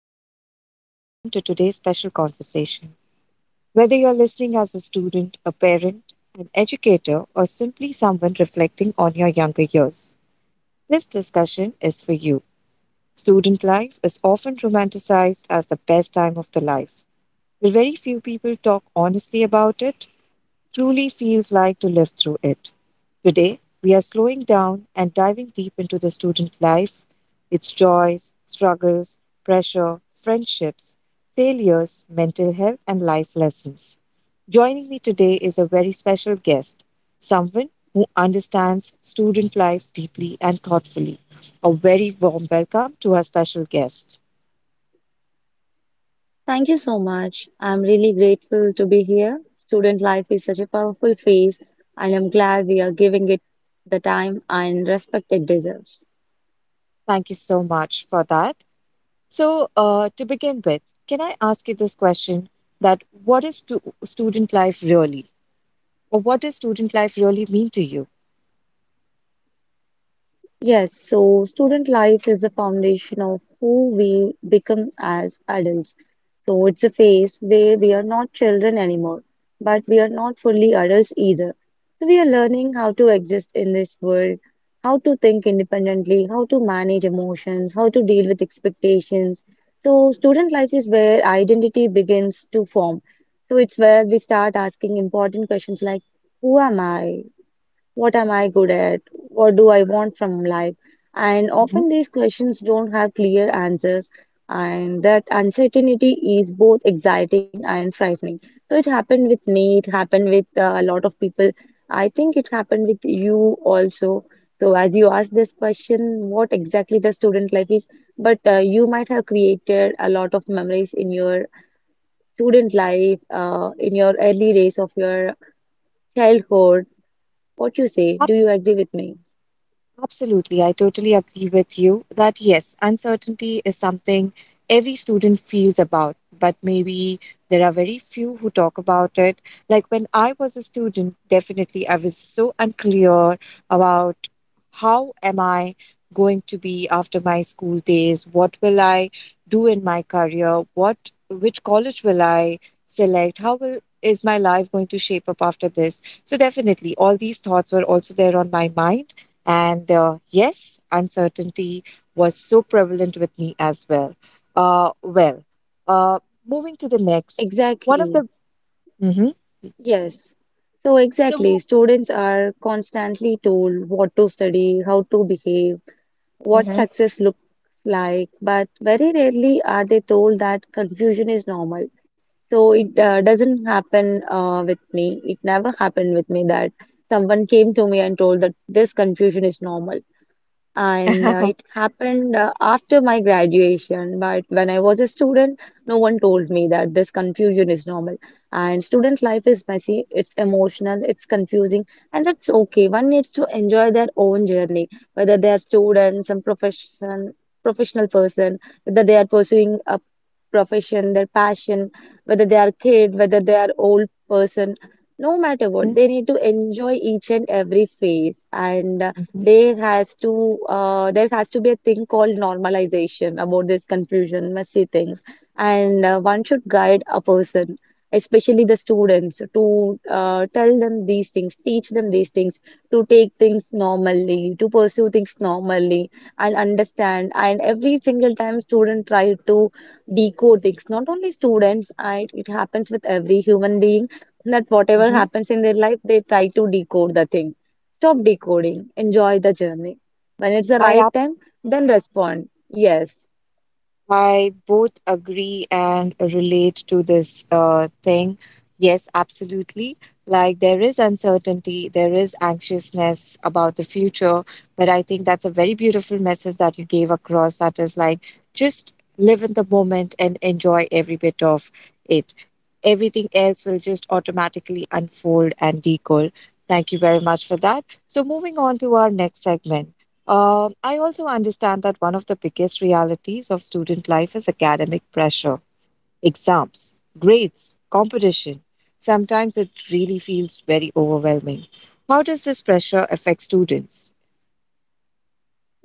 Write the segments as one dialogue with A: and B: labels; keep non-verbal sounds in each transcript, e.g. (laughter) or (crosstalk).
A: and a very warm welcome to today's special conversation. Whether you're listening as a student, a parent, an educator, or simply someone reflecting on your younger years, this discussion is for you. Student life is often romanticized as the best time of the life. But very few people talk honestly about it truly feels like to live through it. Today, we are slowing down and diving deep into the student life, its joys, struggles, pressure, friendships, failures, mental health, and life lessons. Joining me today is a very special guest, someone who understands student life deeply and thoughtfully. A very warm welcome to our special guest.
B: Thank you so much. I'm really grateful to be here. Student life is such a powerful phase, and I'm glad we are giving it the time and respect it deserves.
A: Thank you so much for that. So, to begin with, can I ask you this question that what is student life really? Or what does student life really mean to you?
B: Yes, so student life is the foundation of who we become as adults. So it's a phase where we are not children anymore, but we are not fully adults either. So we are learning how to exist in this world, how to think independently, how to manage emotions, how to deal with expectations. So student life is where identity begins to form. So it's where we start asking important questions like, who am I? What am I good at? What do I want from life? And
A: Mhm.
B: often these questions don't have clear answers, and that uncertainty is both exciting and frightening. So it happened with me, it happened with a lot of people. I think it happened with you also. So as you asked this question, what exactly the student life is, but you might have created a lot of memories in your student life, in your early days of your childhood. What you say? Do you
A: Perhaps
B: agree with me?
A: Absolutely. I totally agree with you that yes, uncertainty is something every student feels about, but maybe there are very few who talk about it. Like when I was a student, definitely I was so unclear about how am I going to be after my school days? What will I do in my career? What which college will I select? How will is my life going to shape up after this? So definitely all these thoughts were also there on my mind, and yes, uncertainty was so prevalent with me as well. Uh, well, uh, moving to the next, one of
B: Exactly.
A: the. Mhm.
B: Yes. So
A: So,
B: exactly,
A: mo-
B: students are constantly told what to study, how to behave, what
A: Mhm.
B: success looks like, but very rarely are they told that confusion is normal. So it doesn't happen with me. It never happened with me that someone came to me and told that this confusion is normal and it
A: (laughs)
B: happened after my graduation. But when I was a student, no one told me that this confusion is normal. And student life is messy, it's emotional, it's confusing, and that's okay. One needs to enjoy their own journey, whether they are students, some profession, professional person, whether they are pursuing a profession, their passion, whether they are kid, whether they are old person. No matter what,
A: Mhm,
B: they need to enjoy each and every phase, and
A: mhm,
B: there has to there has to be a thing called normalization about this confusion, messy things, and one should guide a person, especially the students, to tell them these things, teach them these things, to take things normally, to pursue things normally, and understand. And every single time student try to decode things, not only students, it happens with every human being that whatever
A: mhm.
B: happens in their life, they try to decode the thing. Stop decoding. Enjoy the journey. When it's
A: (laughs)
B: the
A: I
B: right time, then respond. Yes,
A: I both agree and relate to this thing. Yes, absolutely. Like there is uncertainty, there is anxiousness about the future, but I think that's a very beautiful message that you gave across. That is like just live in the moment and enjoy every bit of it. Everything else will just automatically unfold and decold. Thank you very much for that. So, moving on to our next segment. I also understand that one of the biggest realities of student life is academic pressure, exams, grades, competition. Sometimes it really feels very overwhelming. How does this pressure affect students?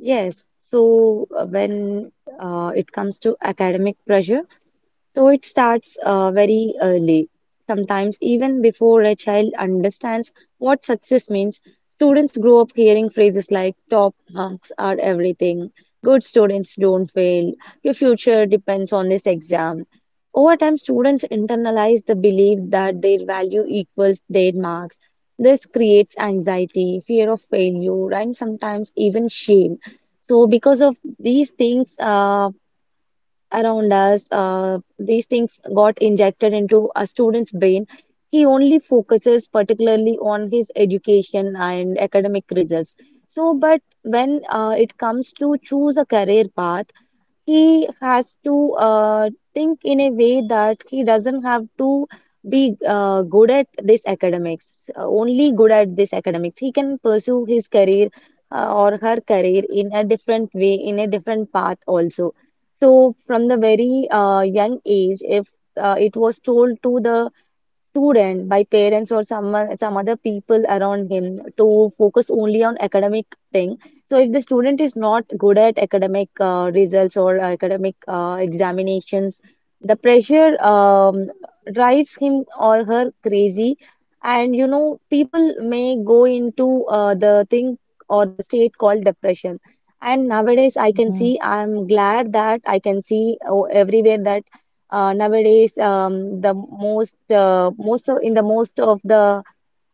B: yes. So when it comes to academic pressure, so it starts very early. Sometimes even before a child understands what success means, students grow up hearing phrases like top marks are everything, good students don't fail, your future depends on this exam. Over time, students internalize the belief that their value equals their marks. This creates anxiety, fear of failure, and sometimes even shame. So, because of these things around us, these things got injected into a student's brain. He only focuses particularly on his education and academic results. So, but when it comes to choose a career path, he has to think in a way that he doesn't have to be good at this academics, only good at this academics. He can pursue his career or her career in a different way, in a different path also. So from the very young age, if it was told to the student by parents or someone some other people around him to focus only on academic thing, so if the student is not good at academic results or academic examinations, the pressure drives him or her crazy, and you know people may go into the thing or the state called depression. And nowadays I can
A: Mm-hmm,
B: see, I'm glad that I can see oh, everywhere that nowadays, the most of the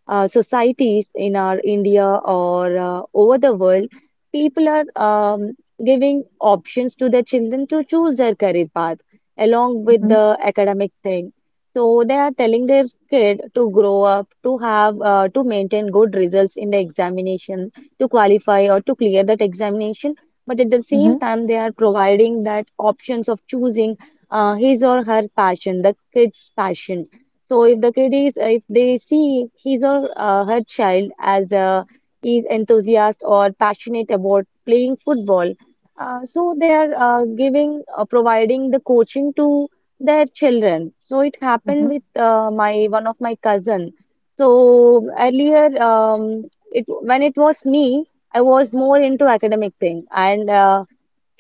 B: societies in our India or over the world, people are giving options to their children to choose their career path along with
A: mm-hmm,
B: the academic thing. So they are telling their kid to grow up, to maintain good results in the examination, to qualify or to clear that examination. But at the
A: mm-hmm,
B: same time, they are providing that options of choosing his or her passion, the kid's passion. So if the kid is, if they see his or her child as a is enthusiast or passionate about playing football, so they are providing the coaching to their children. So it happened
A: mm-hmm,
B: with my one of my cousin. So earlier, it when it was me, I was more into academic thing. And Uh,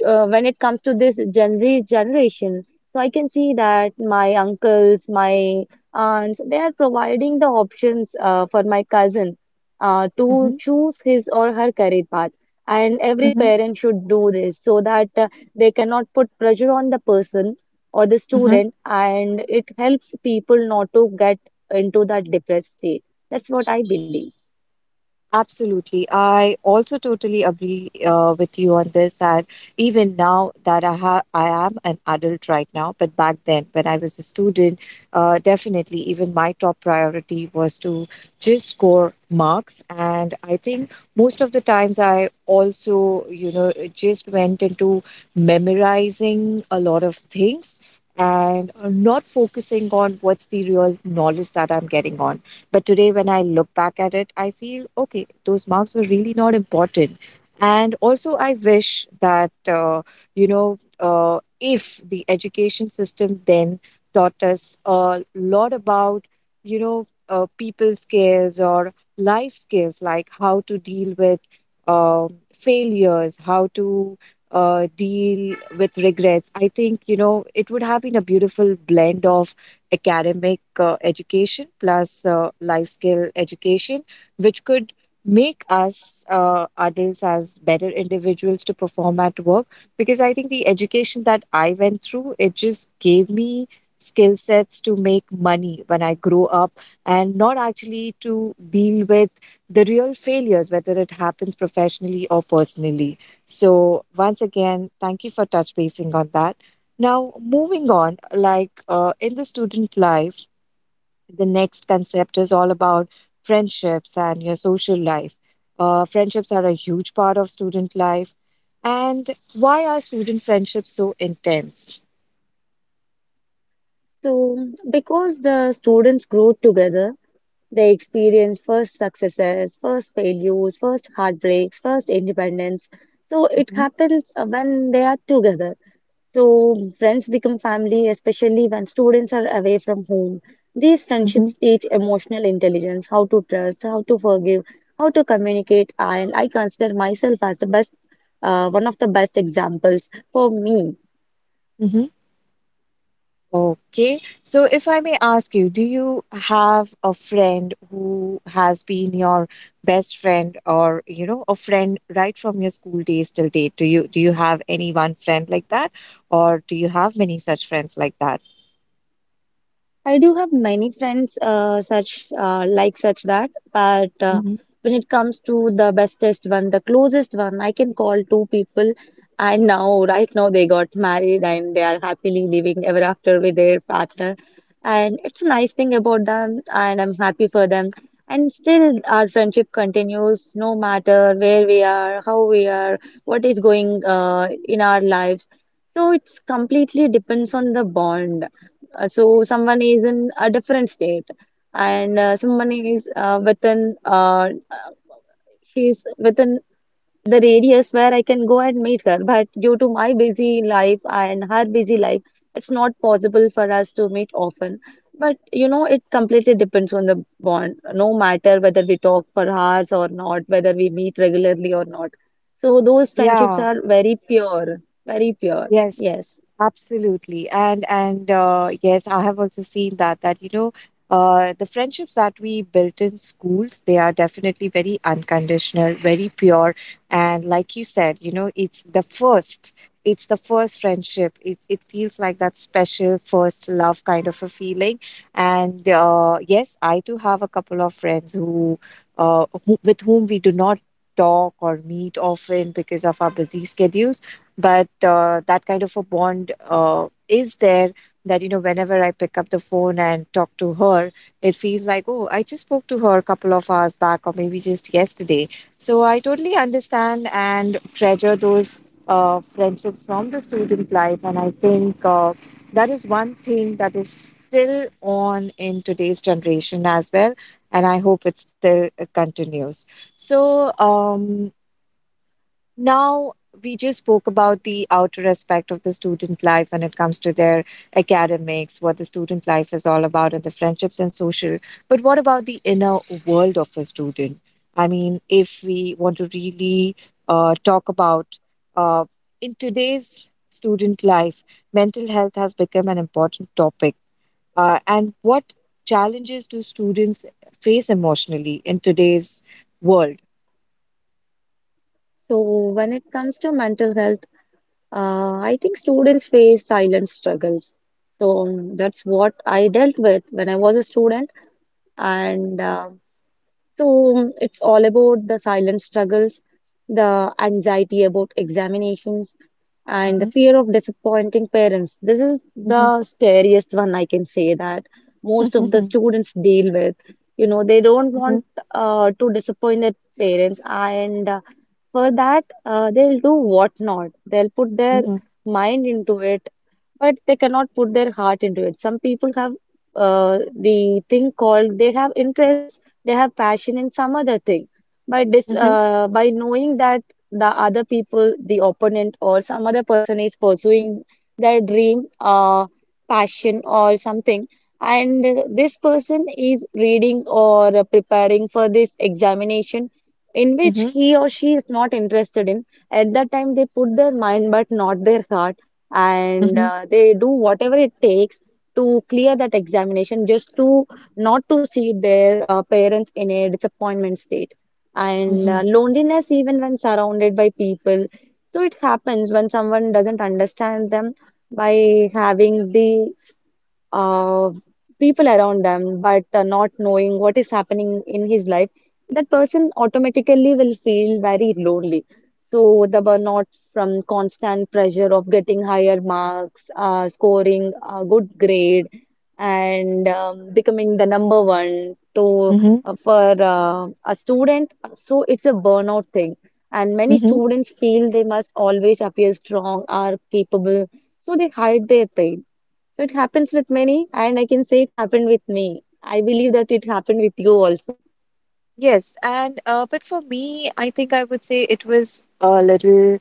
B: uh, when it comes to this Gen Z generation, so I can see that my uncles, my aunts, they are providing the options for my cousin to choose his or her career path. And every
A: mm-hmm,
B: parent should do this so that they cannot put pressure on the person or the
A: mm-hmm.
B: student, and it helps people not to get into that depressed state. That's what I believe.
A: Absolutely. I also totally agree with you on this that even now that I am an adult right now, but back then when I was a student, definitely even my top priority was to just score marks. And I think most of the times I also, just went into memorizing a lot of things, and not focusing on what's the real knowledge that I'm getting on. But today, when I look back at it, I feel okay, those marks were really not important. And also, I wish that, if the education system then taught us a lot about, people skills or life skills, like how to deal with failures, how to deal with regrets. I think, it would have been a beautiful blend of academic education plus life skill education, which could make us adults as better individuals to perform at work. Because I think the education that I went through, it just gave me skill sets to make money when I grow up, and not actually to deal with the real failures, whether it happens professionally or personally. So, once again, thank you for touch basing on that. Now, moving on, like in the student life, the next concept is all about friendships and your social life. Friendships are a huge part of student life. And why are student friendships so intense?
B: So, because the students grow together, they experience first successes, first failures, first heartbreaks, first independence. So it
A: Hmm.
B: happens when they are together. So friends become family, especially when students are away from home. These friendships teach emotional intelligence, how to trust, how to forgive, how to communicate, and I consider myself as the best, one of the best examples for me.
A: Hmm. Okay. So, if I may ask you, do you have a friend who has been your best friend or, a friend right from your school days till date? Do you have any one friend like that? Or do you have many such friends like that?
B: I do have many friends such like such that, but
A: Mhm.
B: when it comes to the bestest one, the closest one, I can call two people. And now, right now, they got married and they are happily living ever after with their partner. And it's a nice thing about them, and I'm happy for them. And still, our friendship continues no matter where we are, how we are, what is going in our lives. So it's completely depends on the bond. So someone is in a different state, and someone is within she's within the radius where I can go and meet her. But due to my busy life and her busy life, it's not possible for us to meet often. But you know, it completely depends on the bond, no matter whether we talk for hours or not, whether we meet regularly or not. So those friendships
A: Yeah.
B: are very pure, very pure.
A: Yes,
B: Yes.
A: absolutely. And yes, I have also seen that the friendships that we built in schools, they are definitely very unconditional, very pure. And like you said, it's the first, friendship. It feels like that special first love kind of a feeling. And yes, I too have a couple of friends who with whom we do not talk or meet often because of our busy schedules, but that kind of a bond is there that whenever I pick up the phone and talk to her, it feels like oh, I just spoke to her a couple of hours back or maybe just yesterday. So I totally understand and treasure those friendships from the student life, and I think that is one thing that is still on in today's generation as well, and I hope it still continues. So now, we just spoke about the outer aspect of the student life when it comes to their academics, what the student life is all about, and the friendships and social. But what about the inner world of a student? I mean, if we want to really talk about uh, in today's student life, mental health has become an important topic. And what challenges do students face emotionally in today's world?
B: So when it comes to mental health, I think students face silent struggles. That's what I dealt with when I was a student. And so it's all about the silent struggles, the anxiety about examinations, and the
A: Mhm,
B: fear of disappointing parents. This is the
A: mhm.
B: scariest one, I can say that most of the students deal with. You know, they don't want to disappoint their parents, and for that, they'll do what not. They'll put their
A: (laughs)
B: mind into it, but they cannot put their heart into it. Some people have the thing called they have interest, they have passion in some other thing, but this
A: Mhm,
B: by knowing that the other people, the opponent or some other person, is pursuing their dream passion or something, and this person is reading or preparing for this examination in which
A: mhm,
B: he or she is not interested in, at that time they put their mind but not their heart, and
A: mhm,
B: they do whatever it takes to clear that examination just to not to see their parents in a disappointment state. And
A: mhm,
B: loneliness, even when surrounded by people. So it happens when someone doesn't understand them by having the uh, people around them, but not knowing what is happening in his life, that person automatically will feel very lonely. So the burnout from constant pressure of getting higher marks, scoring a good grade, and becoming the number one to
A: mhm,
B: for a student. So it's a burnout thing, and many
A: mhm.
B: students feel they must always appear strong or capable, so they hide their pain. So it happens with many, and I can say it happened with me. I believe that it happened with you also.
A: Yes, and but for me, I think I would say it was a little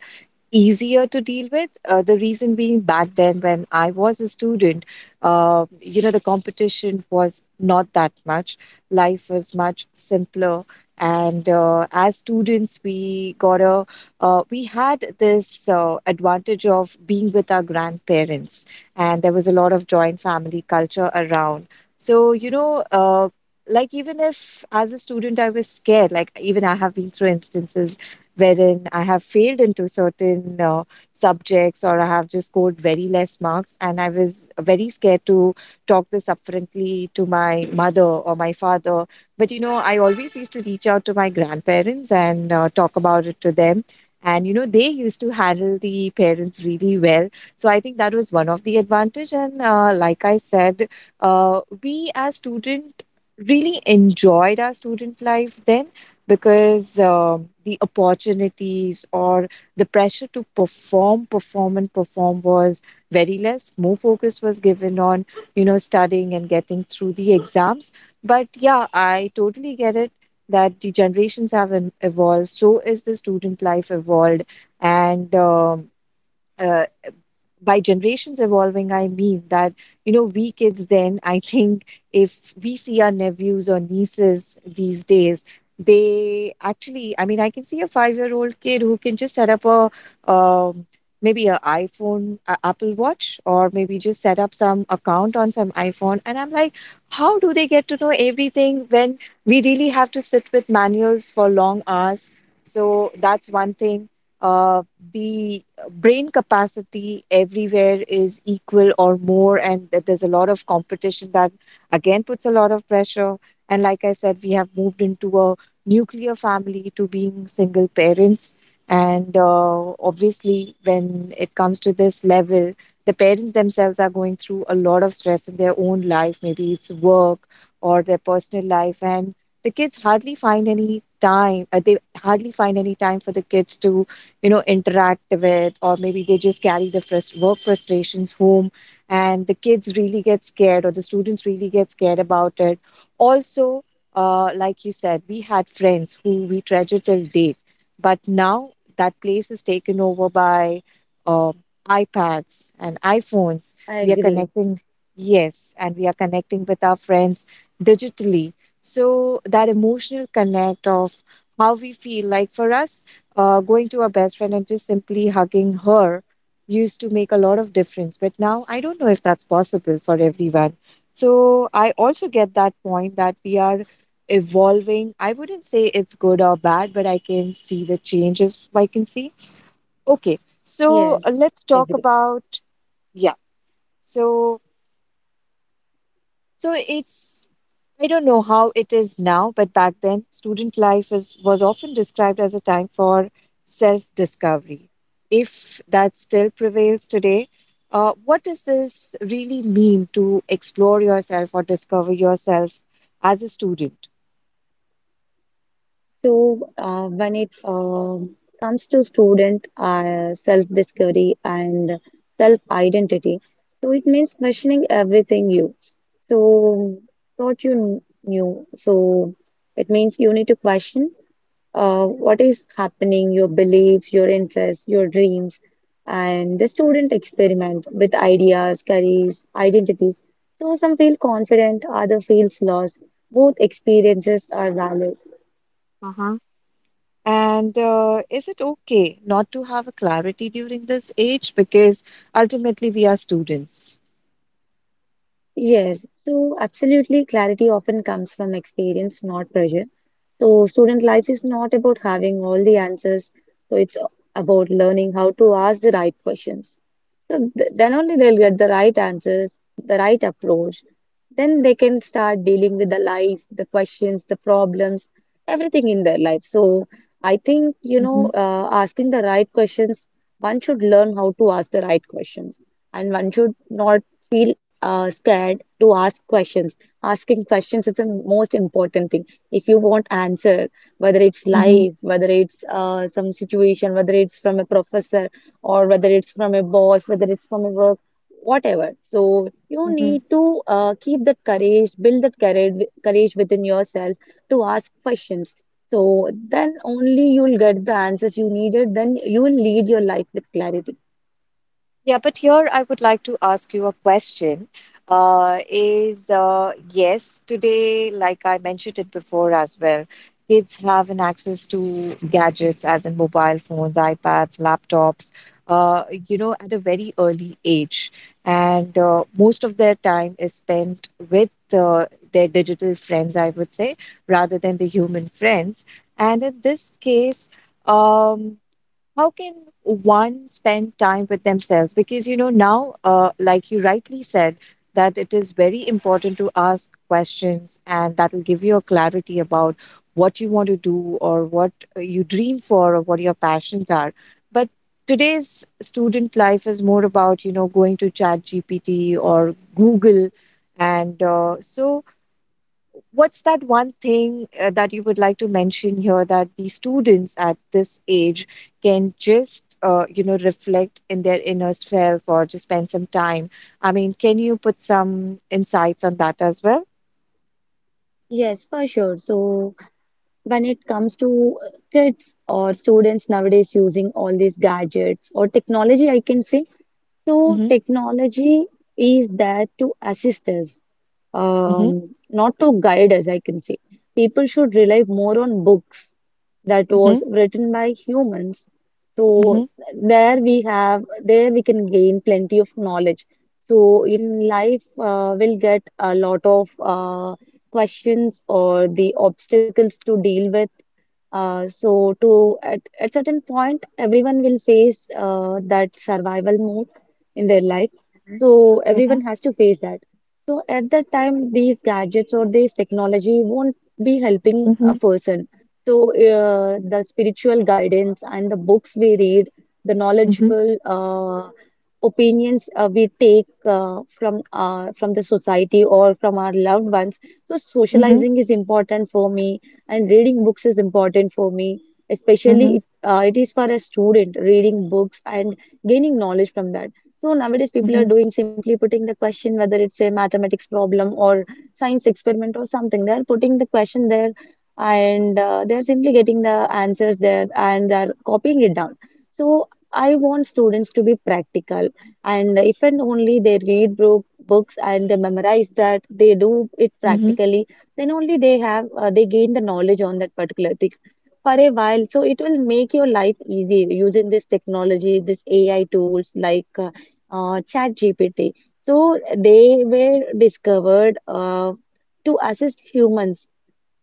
A: easier to deal with. The reason being back then, when I was a student, the competition was not that much. Life was much simpler, and as students, we got a we had this advantage of being with our grandparents, and there was a lot of joint family culture around. So you know. Like even if as a student I was scared, like even I have been through instances wherein I have failed into certain subjects or I have just scored very less marks, and I was very scared to talk this up frankly to my mother or my father, but I always used to reach out to my grandparents and talk about it to them, and they used to handle the parents really well. So I think that was one of the advantage, and like I said, we as student really enjoyed our student life then, because the opportunities or the pressure to perform, perform and perform was very less. More focus was given on studying and getting through the exams, but yeah, I totally get it that the generations have evolved, so is the student life evolved. And uh, by generations evolving, I mean that, we kids then, (laughs) I think if we see our nephews or nieces these days, they actually, I mean, I can see a 5-year old kid who can just set up um, maybe a iphone, a apple watch, or maybe just set up some account on some iphone, and I'm like, how do they get to know everything when we really have to sit with manuals for long hours? So that's one thing. uh, the brain capacity everywhere is equal or more, and that there's a lot of competition that again puts a lot of pressure. And like I said, we have moved into a nuclear family to being single parents, and obviously when it comes to this level, the parents themselves are going through a lot of stress in their own life, maybe it's work or their personal life, and the kids hardly find any time, they hardly find any time for the kids to interact with, or maybe they just carry the work frustrations home, and the kids really get scared or the students really get scared about it also. Like you said, we had friends who we treasure till date, but now that place is taken over by uh, iPads and iPhones.
B: I
A: We are
B: agree.
A: connecting Yes, and we are connecting with our friends digitally, so that emotional connect of how we feel, like for us going to a best friend and just simply hugging her used to make a lot of difference. But now I don't know if that's possible for everyone. So I also get that point that we are evolving. I wouldn't say it's good or bad, but I can see the changes I can see. Okay, so
B: Yes,
A: let's
B: I
A: talk
B: agree.
A: about, yeah. So it's I don't know how it is now, but back then, student life was often described as a time for self discovery. If that still prevails today, what does this really mean to explore yourself or discover yourself as a student?
B: So when it comes to student self-discovery and self-identity, so it means questioning everything you so thought you knew. So it means you need to question what is happening, your beliefs, your interests, your dreams, and the student experiment with ideas, careers, identities. So some feel confident, other feels lost. Both experiences are valid.
A: Uh-huh. And is it okay not to have a clarity during this age? Because ultimately, we are students.
B: Yes, so absolutely, clarity often comes from experience, not pressure. So, student life is not about having all the answers, so it's about learning how to ask the right questions. So, then only they'll get the right answers, the right approach. Then they can start dealing with the life, the questions, the problems, everything in their life. So, I think, you know,
A: Mm-hmm.
B: asking the right questions, one should learn how to ask the right questions, and one should not feel scared to ask questions. Asking questions is the most important thing. If you want answer, whether it's life, whether it's some situation, whether it's from a professor or whether it's from a boss, whether it's from a work, whatever. So you
A: Mm-hmm.
B: need to keep that courage, build that courage within yourself to ask questions. So then only you'll get the answers you needed. Then you will lead your life with clarity.
A: Yeah, but here I would like to ask you a question. Is yes, today, like I mentioned it before as well, kids have an access to gadgets, as in mobile phones, iPads, laptops, at a very early age. And most of their time is spent with their digital friends, I would say, rather than the human friends. And in this case, um, how can one spend time with themselves, because now, like you rightly said, that it is very important to ask questions, and that will give you a clarity about what you want to do or what you dream for, or what your passions are. But today's student life is more about going to Chat GPT or Google. And so, what's that one thing that you would like to mention here that the students at this age can just reflect in their inner self or just spend some time? I mean, can you put some insights on that as well?
B: Yes, for sure. So, when it comes to kids or students nowadays using all these gadgets or technology, I can say. So,
A: Mm-hmm,
B: technology is there to assist us,
A: mm-hmm,
B: not to guide us, I can say. People should rely more on books that
A: mm-hmm,
B: was written by humans.
A: mm-hmm.
B: So, there we can gain plenty of knowledge. So, in life, we'll get a lot of questions or the obstacles to deal with, so to at certain point, everyone will face that survival mode in their life. So everyone
A: Mhm.
B: has to face that. So at that time, these gadgets or this technology won't be helping a
A: Mhm,
B: person. So the spiritual guidance and the books we read, the
A: mhm,
B: knowledgeable opinions we take from the society or from our loved ones. So
A: mhm,
B: socializing is important for me and reading books is important for me, especially
A: mhm,
B: it is for a student reading books and gaining knowledge from that. So nowadays people are
A: mhm,
B: doing simply putting the question whether it's a mathematics problem or science experiment or something. They are putting the question there and they are simply getting the answers there and they are copying it down. So I want students to be practical, and if and only they books and they memorize that they do it
A: mhm,
B: practically, then only they have they gain the knowledge on that particular thing for a while. So it will make your life easy using this technology, this AI tools like chat, so they were discovered to assist humans,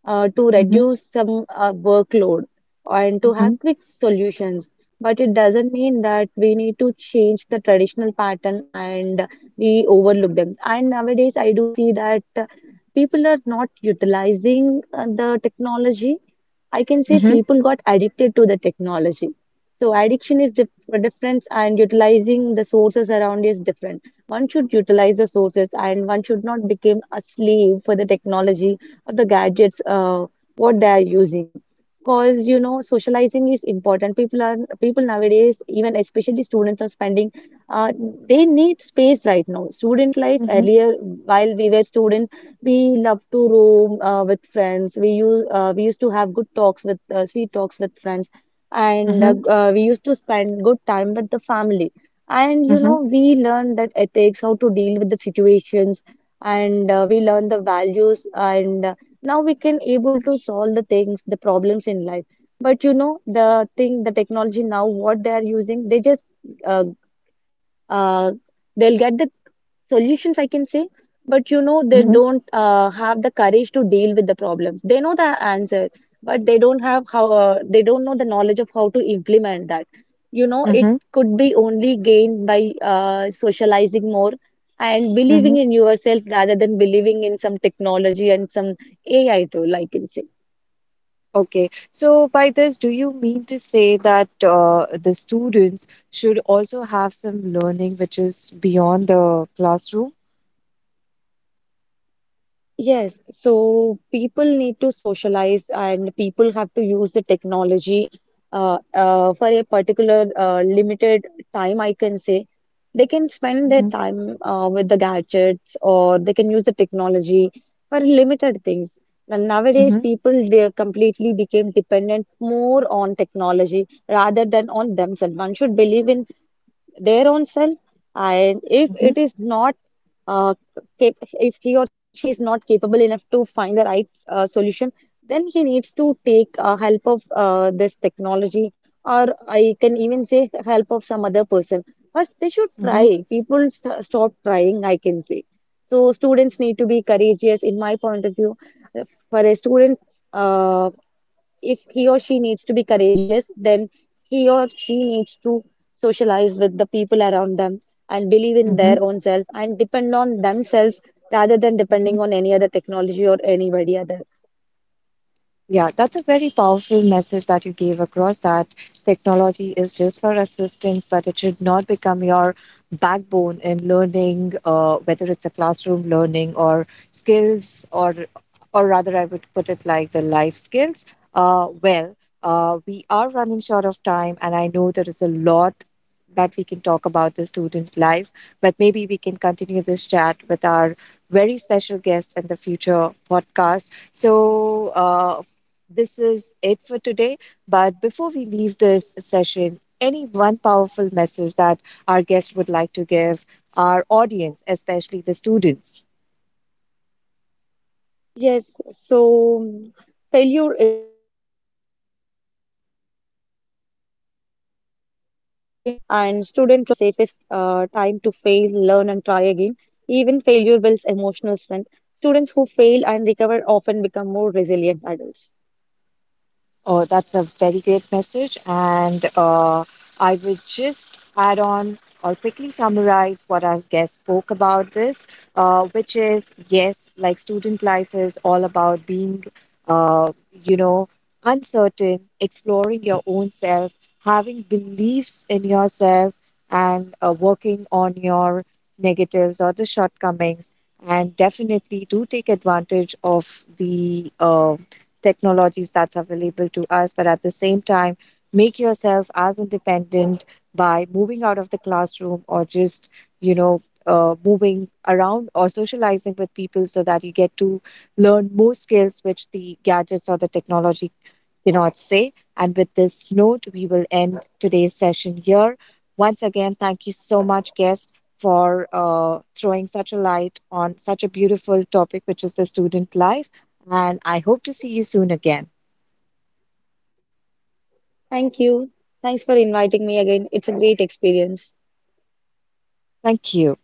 B: to
A: mhm,
B: reduce some workload and to
A: mhm,
B: have
A: mhm,
B: quick solutions. But it doesn't mean that we need to change the traditional pattern and we overlook them. And nowadays, I do see that people are not utilizing the technology. I can say
A: mhm,
B: people got addicted to the technology. So addiction is different, and utilizing the sources around is different. One should utilize the sources, and one should not become a slave for the technology or the gadgets what they are using. Because you know, socializing is important. People are people nowadays, even especially students, are spending. Uh, they need space right now. Student life
A: mhm,
B: earlier, while we were students, we love to roam with friends. We used to have good talks with sweet talks with friends, and
A: mhm,
B: we used to spend good time with the family. And you
A: mhm,
B: know, we learn that ethics, how to deal with the situations, and we learn the values. And now we can able to solve the things, the problems in life. But you know, the thing, the technology now, what they are using, they just uh, uh, they'll get the solutions, I can say. But you know, they
A: mhm, mhm,
B: don't have the courage to deal with the problems. They know the answer, but they don't have how they don't know the knowledge of how to implement that. You know, it
A: mhm,
B: could be only gained by socializing more and believing
A: mhm.
B: in yourself rather than believing in some technology and some AI tool, I can say.
A: Okay, so by this, do you mean to say that the students should also have some learning which is beyond the classroom?
B: Yes, so people need to socialize and people have to use the technology for a particular limited time, I can say. They can spend their
A: Mm-hmm.
B: time with the gadgets or they can use the technology for limited things. And nowadays,
A: Mm-hmm.
B: people they completely became dependent more on technology rather than on themselves. One should believe in their own self, and if
A: Mm-hmm.
B: it is not uh, if he or she is not capable enough to find the right solution, then he needs to take help of this technology, or I can even say help of some other person. First they should
A: Mm-hmm.
B: try. Stop trying, I can say. So students need to be courageous in my point of view. For a student, uh, if he or she needs to be courageous, then he or she needs to socialize with the people around them and believe in their own self and depend on themselves rather than
A: Mm-hmm.
B: depending on any other technology or anybody other.
A: Yeah, that's a very powerful message that you gave across, that technology is just for assistance, but it should not become your backbone in learning, whether it's a classroom learning or skills, or rather, I would put it like the life skills. Well, we are running short of time, and I know there is a lot that we can talk about the student life, but maybe we can continue this chat with our very special guest in the future podcast. So, this is it for today. But before we leave this session, any one powerful message that our guest would like to give our audience, especially the students?
B: Yes, so failure is not the opposite of success, so it's the part of it. And student life is the safest time to fail, learn, and try again. Even failure builds emotional strength. Students who fail and recover often become more resilient adults.
A: Oh, that's a very great message. And I would just add on or quickly summarize what our guest spoke about this, which is, yes, like student life is all about being, uh, you know, uncertain, exploring your own self, having beliefs in yourself, and working on your negatives or the shortcomings. And definitely do take advantage of the technologies that's available to us, but at the same time, make yourself as independent by moving out of the classroom or just, you know, moving around or socializing with people so that you get to learn more skills which the gadgets or the technology cannot say. And with this note, we will end today's session here. Once again, thank you so much, guest, for throwing such a light on such a beautiful topic, which is the student life. And I hope to see you soon again.
B: Thank you. Thanks for inviting me again. It's a great experience.
A: Thank you.